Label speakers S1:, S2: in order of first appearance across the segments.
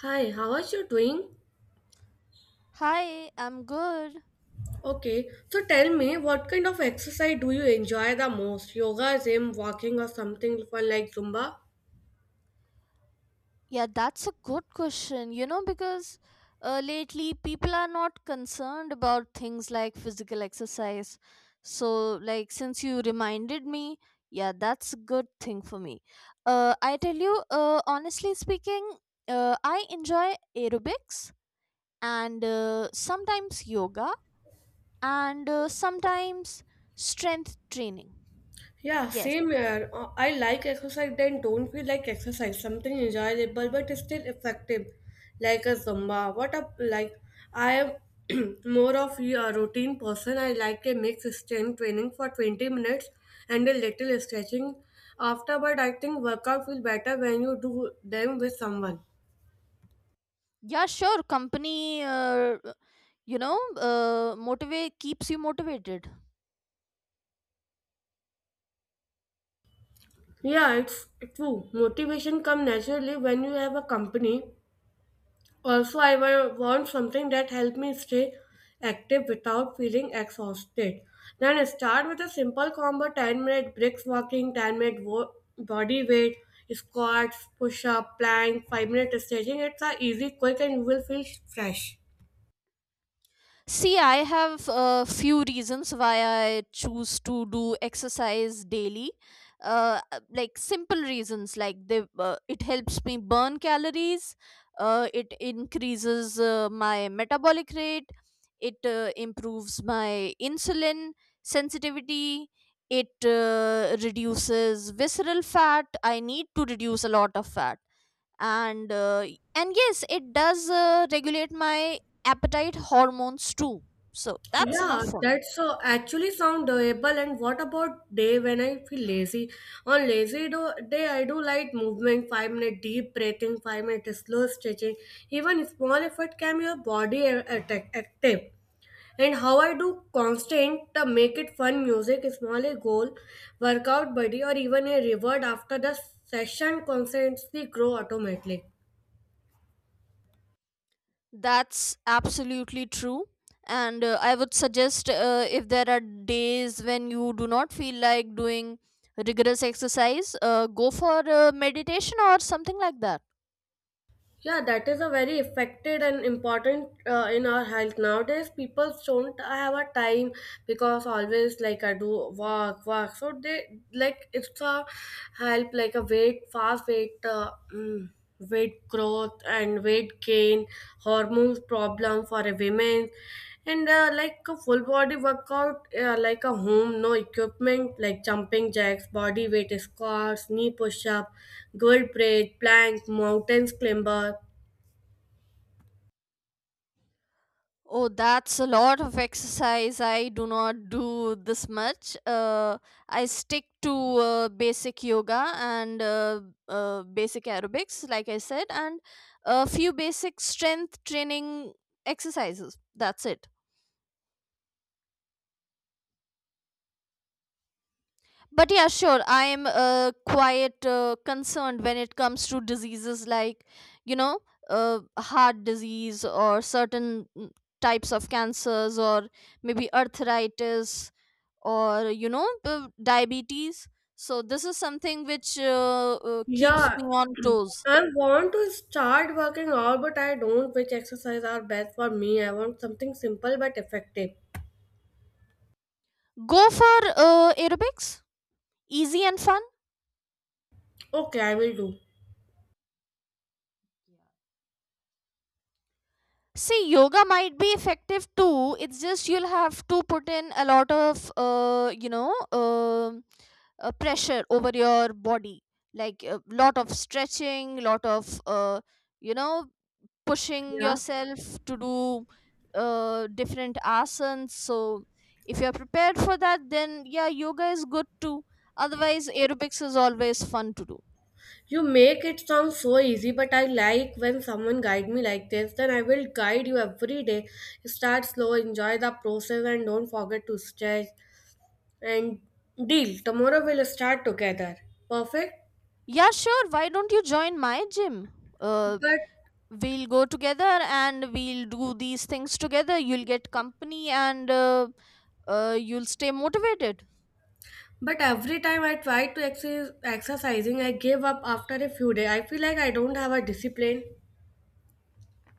S1: Hi, how are you doing?
S2: Hi, I'm good.
S1: Okay, so tell me what kind of exercise do you enjoy the most? Yoga, gym, walking, or something fun like Zumba?
S2: Yeah, that's a good question. You know, because lately people are not concerned about things like physical exercise. So, like, since you reminded me, yeah, that's a good thing for me. I tell you, honestly speaking, I enjoy aerobics and sometimes yoga and sometimes strength training.
S1: Yeah,
S2: Yes.
S1: same here. I like exercise, then don't feel like exercise. Something enjoyable but still effective, like a Zumba. What up? Like I am more of a routine person. I like a mixed strength training for 20 minutes and a little stretching after. But I think workout feel better when you do them with someone.
S2: Yeah, sure, company, you know motivate keeps you motivated.
S1: Yeah, it's true. Motivation come naturally when you have a company. Also, I want something that help me stay active without feeling exhausted. Then start with a simple combo: 10-minute breaks, walking, 10-minute body weight, squats, push-up, plank, 5-minute stretching. It's a easy, quick, and you will feel fresh.
S2: See, I have a few reasons why I choose to do exercise daily. Like simple reasons, like it helps me burn calories, it increases my metabolic rate, it improves my insulin sensitivity, it reduces visceral fat. I need to reduce a lot of fat, and uh, and yes, it does regulate my appetite hormones too, so that's
S1: Yeah,
S2: enough for me.
S1: that's actually sound doable. And what about day when I feel lazy? On lazy day, I do light movement, 5 minute deep breathing, 5 minute slow stretching. Even small effort can your body active. And how I do constant make it fun music, small a goal, workout buddy, or even a reward after the session constantly grow automatically.
S2: That's absolutely true, and I would suggest, if there are days when you do not feel like doing rigorous exercise, go for meditation or something like that.
S1: Yeah, that is a very affected and important in our health nowadays. People don't have a time because always like I do work, work. So they like it's a help like a weight, fast weight, weight growth and weight gain, hormones problem for a women, and like a full body workout, like a home, no equipment, like jumping jacks, body weight squats, knee push up, girl braid, plank, mountains climber.
S2: Oh, that's a lot of exercise. I do not do this much. I stick to basic yoga and basic aerobics, like I said, and a few basic strength training exercises. That's it. But yeah, sure, I'm quite concerned when it comes to diseases like, you know, heart disease or certain, types of cancers, or maybe arthritis, or, you know, diabetes, so this is something which keeps
S1: Yeah,
S2: me on toes.
S1: I want to start working out, but I don't which exercise are best for me. I want something simple but effective.
S2: Go for aerobics, easy and fun.
S1: Okay, I will do.
S2: See, yoga might be effective too. It's just you'll have to put in a lot of, pressure over your body, like a lot of stretching, lot of, you know, pushing
S1: Yeah.
S2: yourself to do different asanas. So, if you're prepared for that, then yeah, yoga is good too. Otherwise, aerobics is always fun to do.
S1: You make it sound so easy, but I like when someone guide me like this. Then I will guide you every day. Start slow, enjoy the process, and don't forget to stretch. And deal. Tomorrow we'll start together. Perfect.
S2: Yeah, sure. Why don't you join my gym? Uh,
S1: But
S2: we'll go together and we'll do these things together. You'll get company and you'll stay motivated.
S1: but every time I try to exercising, I give up after a few days. I feel like I don't have a discipline.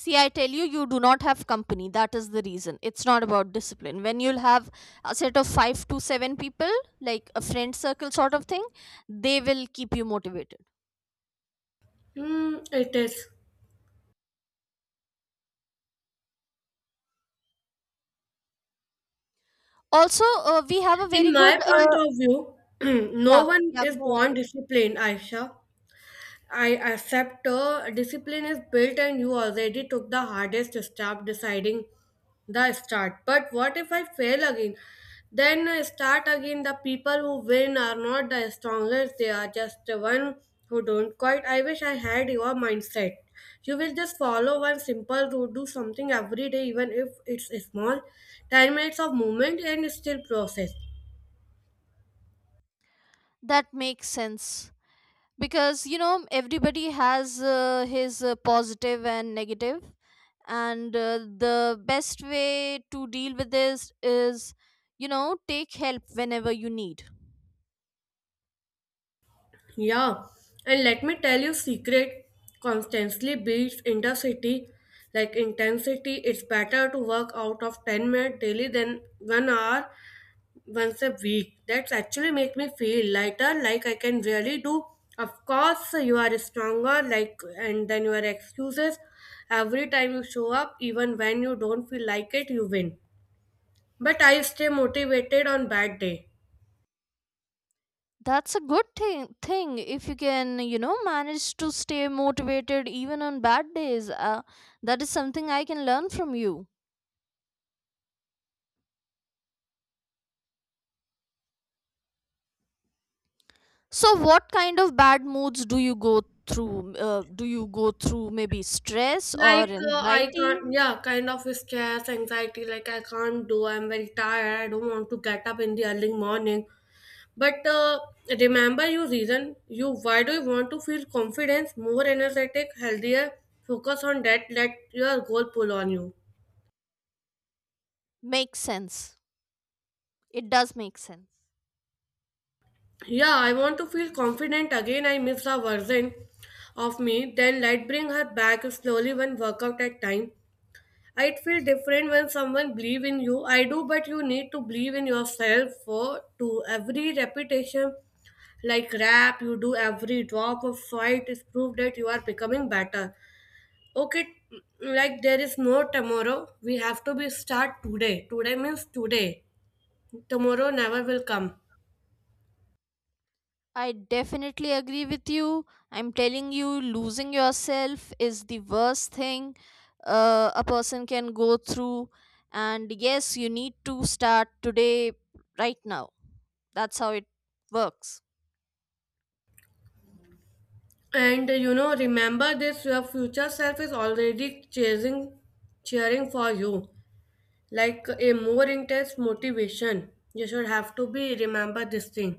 S2: See, I tell you, you do not have company. That is the reason. It's not about discipline. When you'll have a set of 5 to 7 people, like a friend circle sort of thing, they will keep you motivated.
S1: Hmm, it is.
S2: Also, we have a
S1: In
S2: very good
S1: my point of view, no
S2: yeah,
S1: one
S2: yeah,
S1: is
S2: go on.
S1: born disciplined, Aisha. I accept discipline is built and you already took the hardest step deciding the start. But what if I fail again? Then start again. The people who win are not the strongest, they are just the one who don't quite. I wish I had your mindset. You will just follow one simple route, do something every day, even if it's small. 10 minutes of movement and still process.
S2: That makes sense, because, you know, everybody has his positive and negative, and the best way to deal with this is, you know, take help whenever you need.
S1: Yeah, and let me tell you, secret constantly beats intensity. Like intensity, it's better to work out of 10 minutes daily than 1 hour once a week. That's actually make me feel lighter, like I can really do. Of course, you are stronger, like, and then your excuses. Every time you show up, even when you don't feel like it, you win. But I stay motivated on bad day.
S2: That's a good thing if you can, you know, manage to stay motivated even on bad days. That is something I can learn from you. So what kind of bad moods do you go through? Do you go through maybe stress or
S1: Like I
S2: anxiety?
S1: can't, yeah, kind of stress, anxiety. Like I can't do. I'm very tired. I don't want to get up in the early morning. But remember your reason. You why do you want to feel confidence, more energetic, healthier? Focus on that. Let your goal pull on you.
S2: Makes sense. It does make sense.
S1: Yeah, I want to feel confident again. I miss a version of me. Then let bring her back slowly when workout at time. It feel different when someone believe in you. I do, but you need to believe in yourself for to every repetition, like rap you do, every drop of fight is proof that you are becoming better. Okay, like there is no tomorrow. We have to be start today. Today means today. Tomorrow never will come.
S2: I definitely agree with you. I'm telling you, losing yourself is the worst thing a person can go through. And yes, you need to start today, right now. That's how it works.
S1: And remember this: your future self is already chasing, cheering for you. Like a more intense motivation you should have to be remember this thing.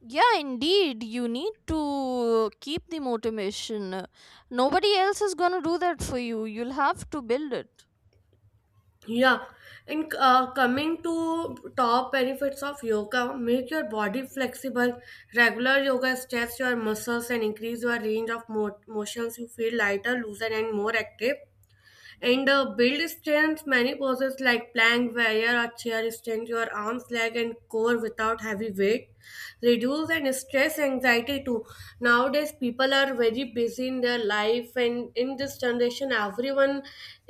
S2: Yeah, indeed. You need to keep the motivation. Nobody else is going to do that for you. You'll have to build it.
S1: Yeah, and coming to top benefits of yoga make your body flexible. Regular yoga stretches your muscles and increase your range of motions. You feel lighter, looser, and more active. And build strength, many poses like plank, warrior, or chair extend your arms, leg, and core without heavy weight. Reduce and stress anxiety too. Nowadays, people are very busy in their life, and in this generation, everyone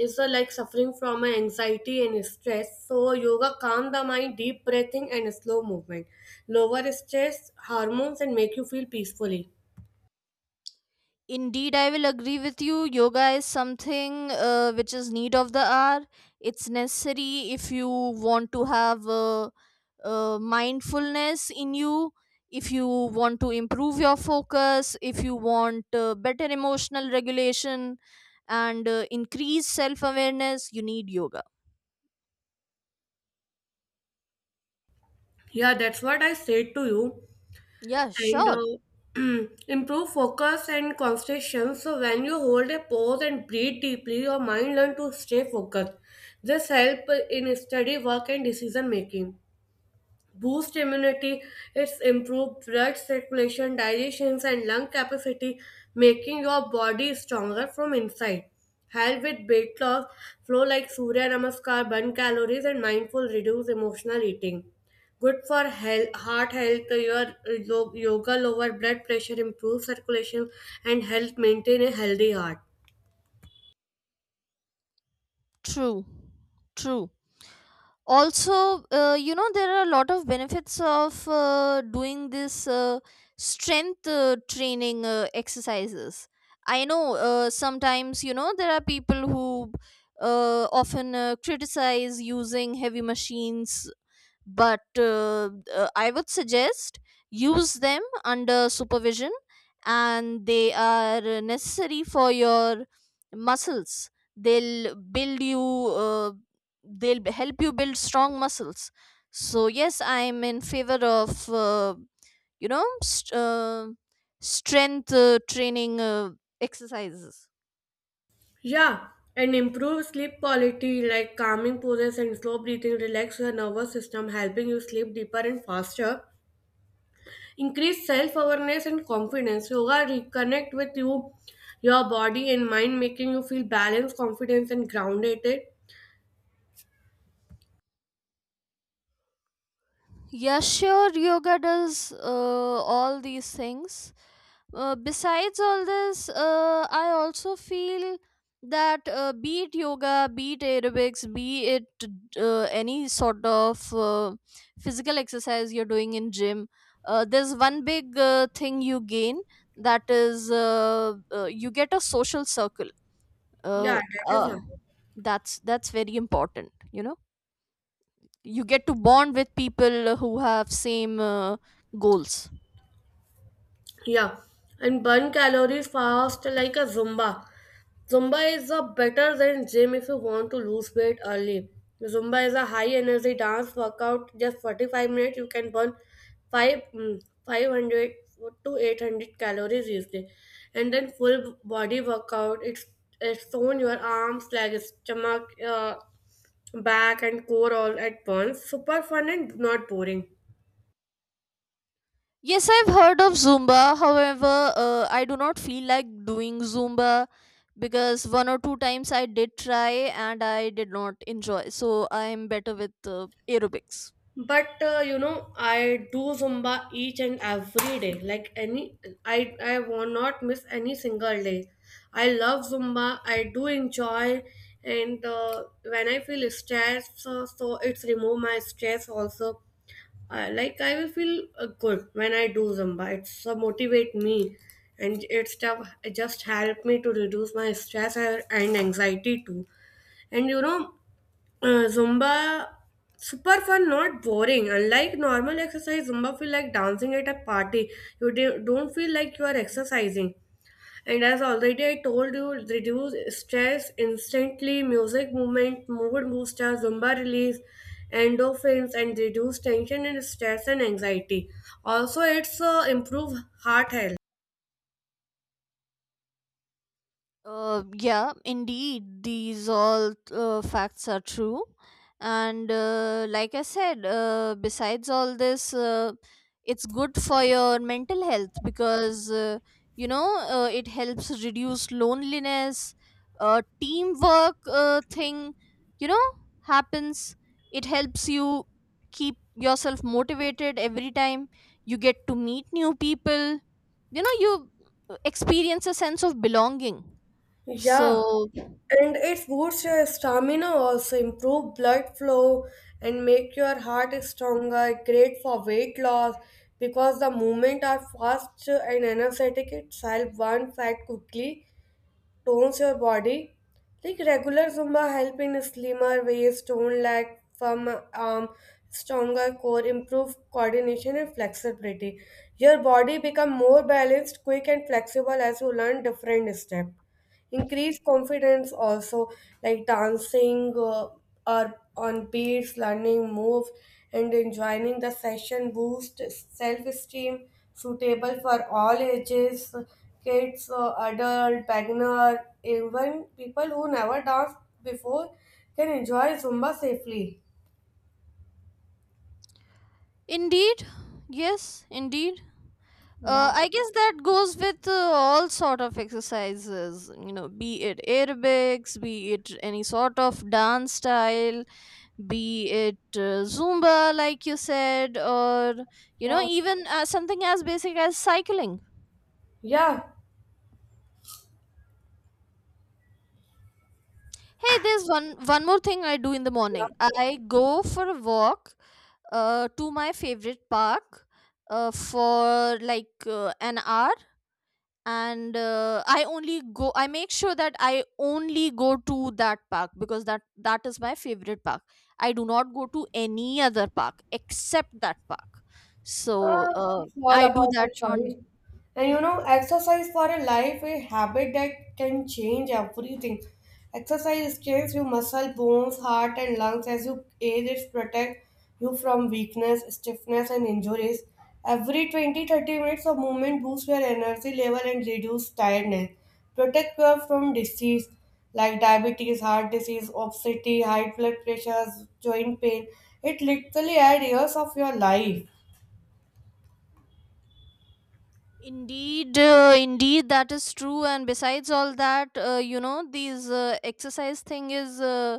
S1: is like suffering from anxiety and stress. So, yoga calm the mind, deep breathing, and slow movement, lower stress hormones, and make you feel peacefully.
S2: Indeed, I will agree with you. Yoga is something which is need of the hour. It's necessary if you want to have mindfulness in you, if you want to improve your focus, if you want better emotional regulation, and increase self awareness, you need yoga.
S1: Yeah, that's what I said to you.
S2: Yeah,
S1: And
S2: sure.
S1: improve focus and concentration. So when you hold a pause and breathe deeply, your mind learn to stay focused. This help in study, work, and decision making boost immunity, it's improved blood circulation, digestions, and lung capacity, making your body stronger from inside. Help with weight loss, flow like Surya Namaskar, burn calories, and mindful reduce emotional eating. Good for health, heart health, your yoga lower blood pressure, improve circulation, and help maintain a healthy heart.
S2: True. True. Also, you know, there are a lot of benefits of doing this strength training exercises. I know sometimes, you know, there are people who often criticize using heavy machines, but I would suggest use them under supervision, and they are necessary for your muscles. They'll build you, uh, help you build strong muscles. So yes, I'm in favor of you know st- uh, strength training exercises.
S1: Yeah, and improve sleep quality like calming poses and slow breathing relax your nervous system, helping you sleep deeper and faster. Increase self awareness and confidence. Yoga reconnect with you, your body and mind, making you feel balanced, confident, and grounded.
S2: Yeah, sure, yoga does all these things. Besides all this, I also feel that be it yoga, be it aerobics, be it any sort of physical exercise you're doing in gym, there's one big thing you gain, that is you get a social circle.
S1: Yeah,
S2: Uh,
S1: that is all.
S2: uh, that's very important, you know, you get to bond with people who have same goals.
S1: Yeah, and burn calories fast like a Zumba. Zumba is a better than gym if you want to lose weight early. Zumba is a high energy dance workout. Just 45 minutes, you can burn 5, 500 to 800 calories easily. And then full body workout. It's on your arms, legs, stomach, back and core all at once. Super fun and not boring.
S2: Yes, I've heard of Zumba. However, I do not feel like doing Zumba because one or two times I did try and I did not enjoy, so I'm better with aerobics.
S1: But I do Zumba each and every day. Like any, I will not miss any single day. I love Zumba, I do enjoy. And when I feel stressed, so it's remove my stress also. I like I will feel good when I do Zumba. It's motivate me. And it's stuff just help me to reduce my stress and anxiety too. And Zumba super fun, not boring. Unlike normal exercise, Zumba feel like dancing at a party. You don't feel like you are exercising. And as already I told you, it reduce stress instantly. Music, movement, mood booster, Zumba release endorphins and reduce tension and stress and anxiety. Also, it's improve heart health.
S2: Yeah, indeed, these all facts are true. And like I said, besides all this, it's good for your mental health because, it helps reduce loneliness, teamwork thing, you know, happens. It helps you keep yourself motivated every time. You get to meet new people. You know, you experience a sense of belonging,
S1: Yeah,
S2: so,
S1: and it boosts your stamina also, improve blood flow and make your heart stronger, great for weight loss because the movement are fast and energetic. It helps burn fat quickly, tones your body. Like regular Zumba help in slimmer waist, toned leg, firm arm, stronger core, improve coordination and flexibility. Your body become more balanced, quick and flexible as you learn different steps increase confidence also, like dancing or on beats learning move and enjoying the session boost self-esteem, suitable for all ages: kids, adult beginner, even people who never danced before can enjoy Zumba safely.
S2: indeed, yes, indeed.
S1: Yeah,
S2: I guess that goes with all sort of exercises, you know, be it aerobics, be it any sort of dance style, be it Zumba, like you said, or, you know,
S1: yeah,
S2: even something as basic as cycling. Hey, there's one more thing I do in the
S1: yeah.
S2: morning. I go for a walk to my favorite park for like an hour, and I only go. I make sure that I only go to that park because that is my favorite park. I do not go to any other park except that park. So
S1: Ah, it's all
S2: I do
S1: about the
S2: that on.
S1: choice. And exercise for a life, a habit that can change everything. Exercise strengthens your muscle, bones, heart, and lungs. As you age, it protects you from weakness, stiffness, and injuries. Every 20-30 minutes of movement boosts your energy level and reduces tiredness. Protect you from disease like diabetes, heart disease, obesity, high blood pressures, joint pain. It literally adds years of your life.
S2: Indeed, indeed, that is true. And besides all that, you know, these exercise thing is uh,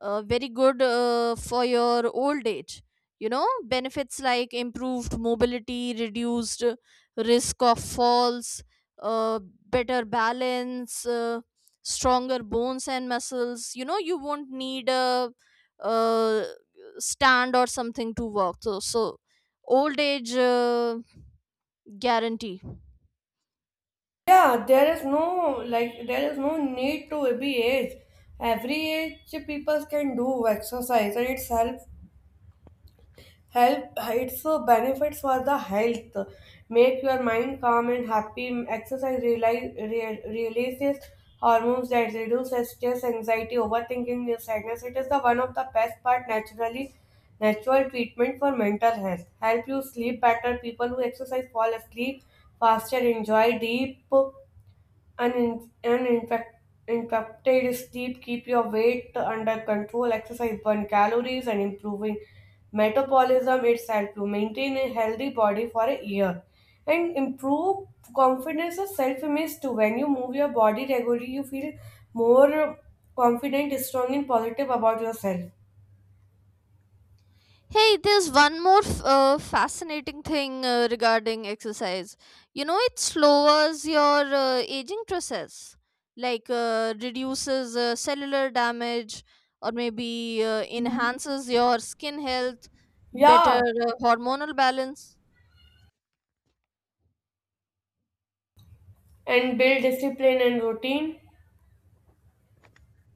S2: uh, very good for your old age. You know, benefits like improved mobility, reduced risk of falls, uh, better balance, stronger bones and muscles. You know, you won't need a, uh stand or something to walk. So, so old age guarantee.
S1: Yeah, there is no like there is no need to be age. Every age people can do exercise and it's help it's benefits for the health. Make your mind calm and happy. Exercise releases hormones that reduce stress, anxiety, overthinking, and sadness. It is the one of the best part natural treatment for mental health. Help you sleep better. People who exercise fall asleep faster, enjoy deep an, an infect, infected sleep keep your weight under control. Exercise burn calories and improving metabolism itself to maintain a healthy body for a year and improve confidence or self-image too. When you move your body regularly, you feel more confident, strong, and positive about yourself.
S2: Hey, there's one more fascinating thing regarding exercise. You know, it slows your aging process, like reduces cellular damage, or maybe enhances your skin health, better
S1: Yeah,
S2: hormonal balance.
S1: and build discipline and routine.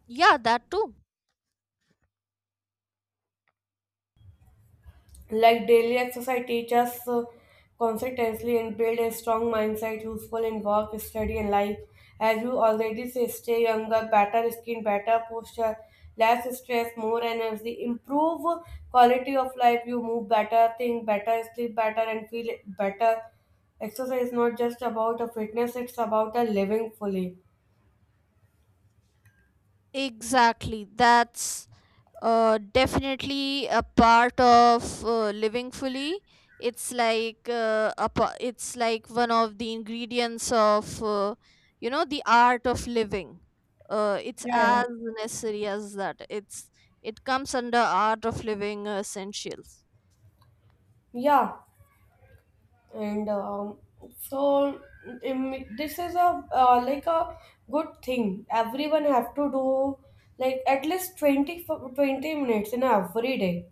S2: Yeah, that too.
S1: Like daily exercise teaches us consistently and build a strong mindset useful in work, study, and life. As you already say, stay younger, better skin, better posture, less stress, more energy, improve quality of life. You move better, think better, sleep better, and feel better. Exercise is not just about a fitness; it's about a living fully.
S2: Exactly. That's definitely a part of living fully. It's like it's like one of the ingredients of you know, the art of living. It's
S1: Yeah.
S2: as necessary as that. It comes under art of living essentials.
S1: Yeah. And so, this is a like a good thing everyone have to do like at least 20 20 minutes in every day.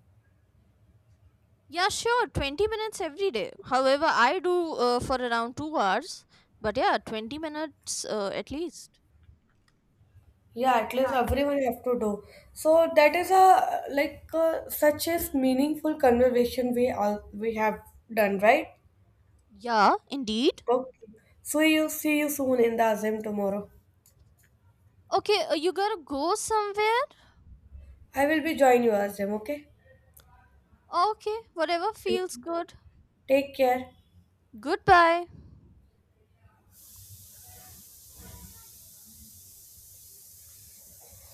S2: Yeah, sure, 20 minutes every day. However, I do for around 2 hours, but yeah, 20 minutes at least.
S1: Yeah, at least everyone have to do. So that is a like a, such as meaningful conversation we have done, right?
S2: Yeah, indeed.
S1: Okay, so you see you soon in the azim tomorrow.
S2: Okay, you gotta go somewhere.
S1: I will be join you azim. Okay,
S2: Okay, whatever feels good.
S1: take care.
S2: Goodbye.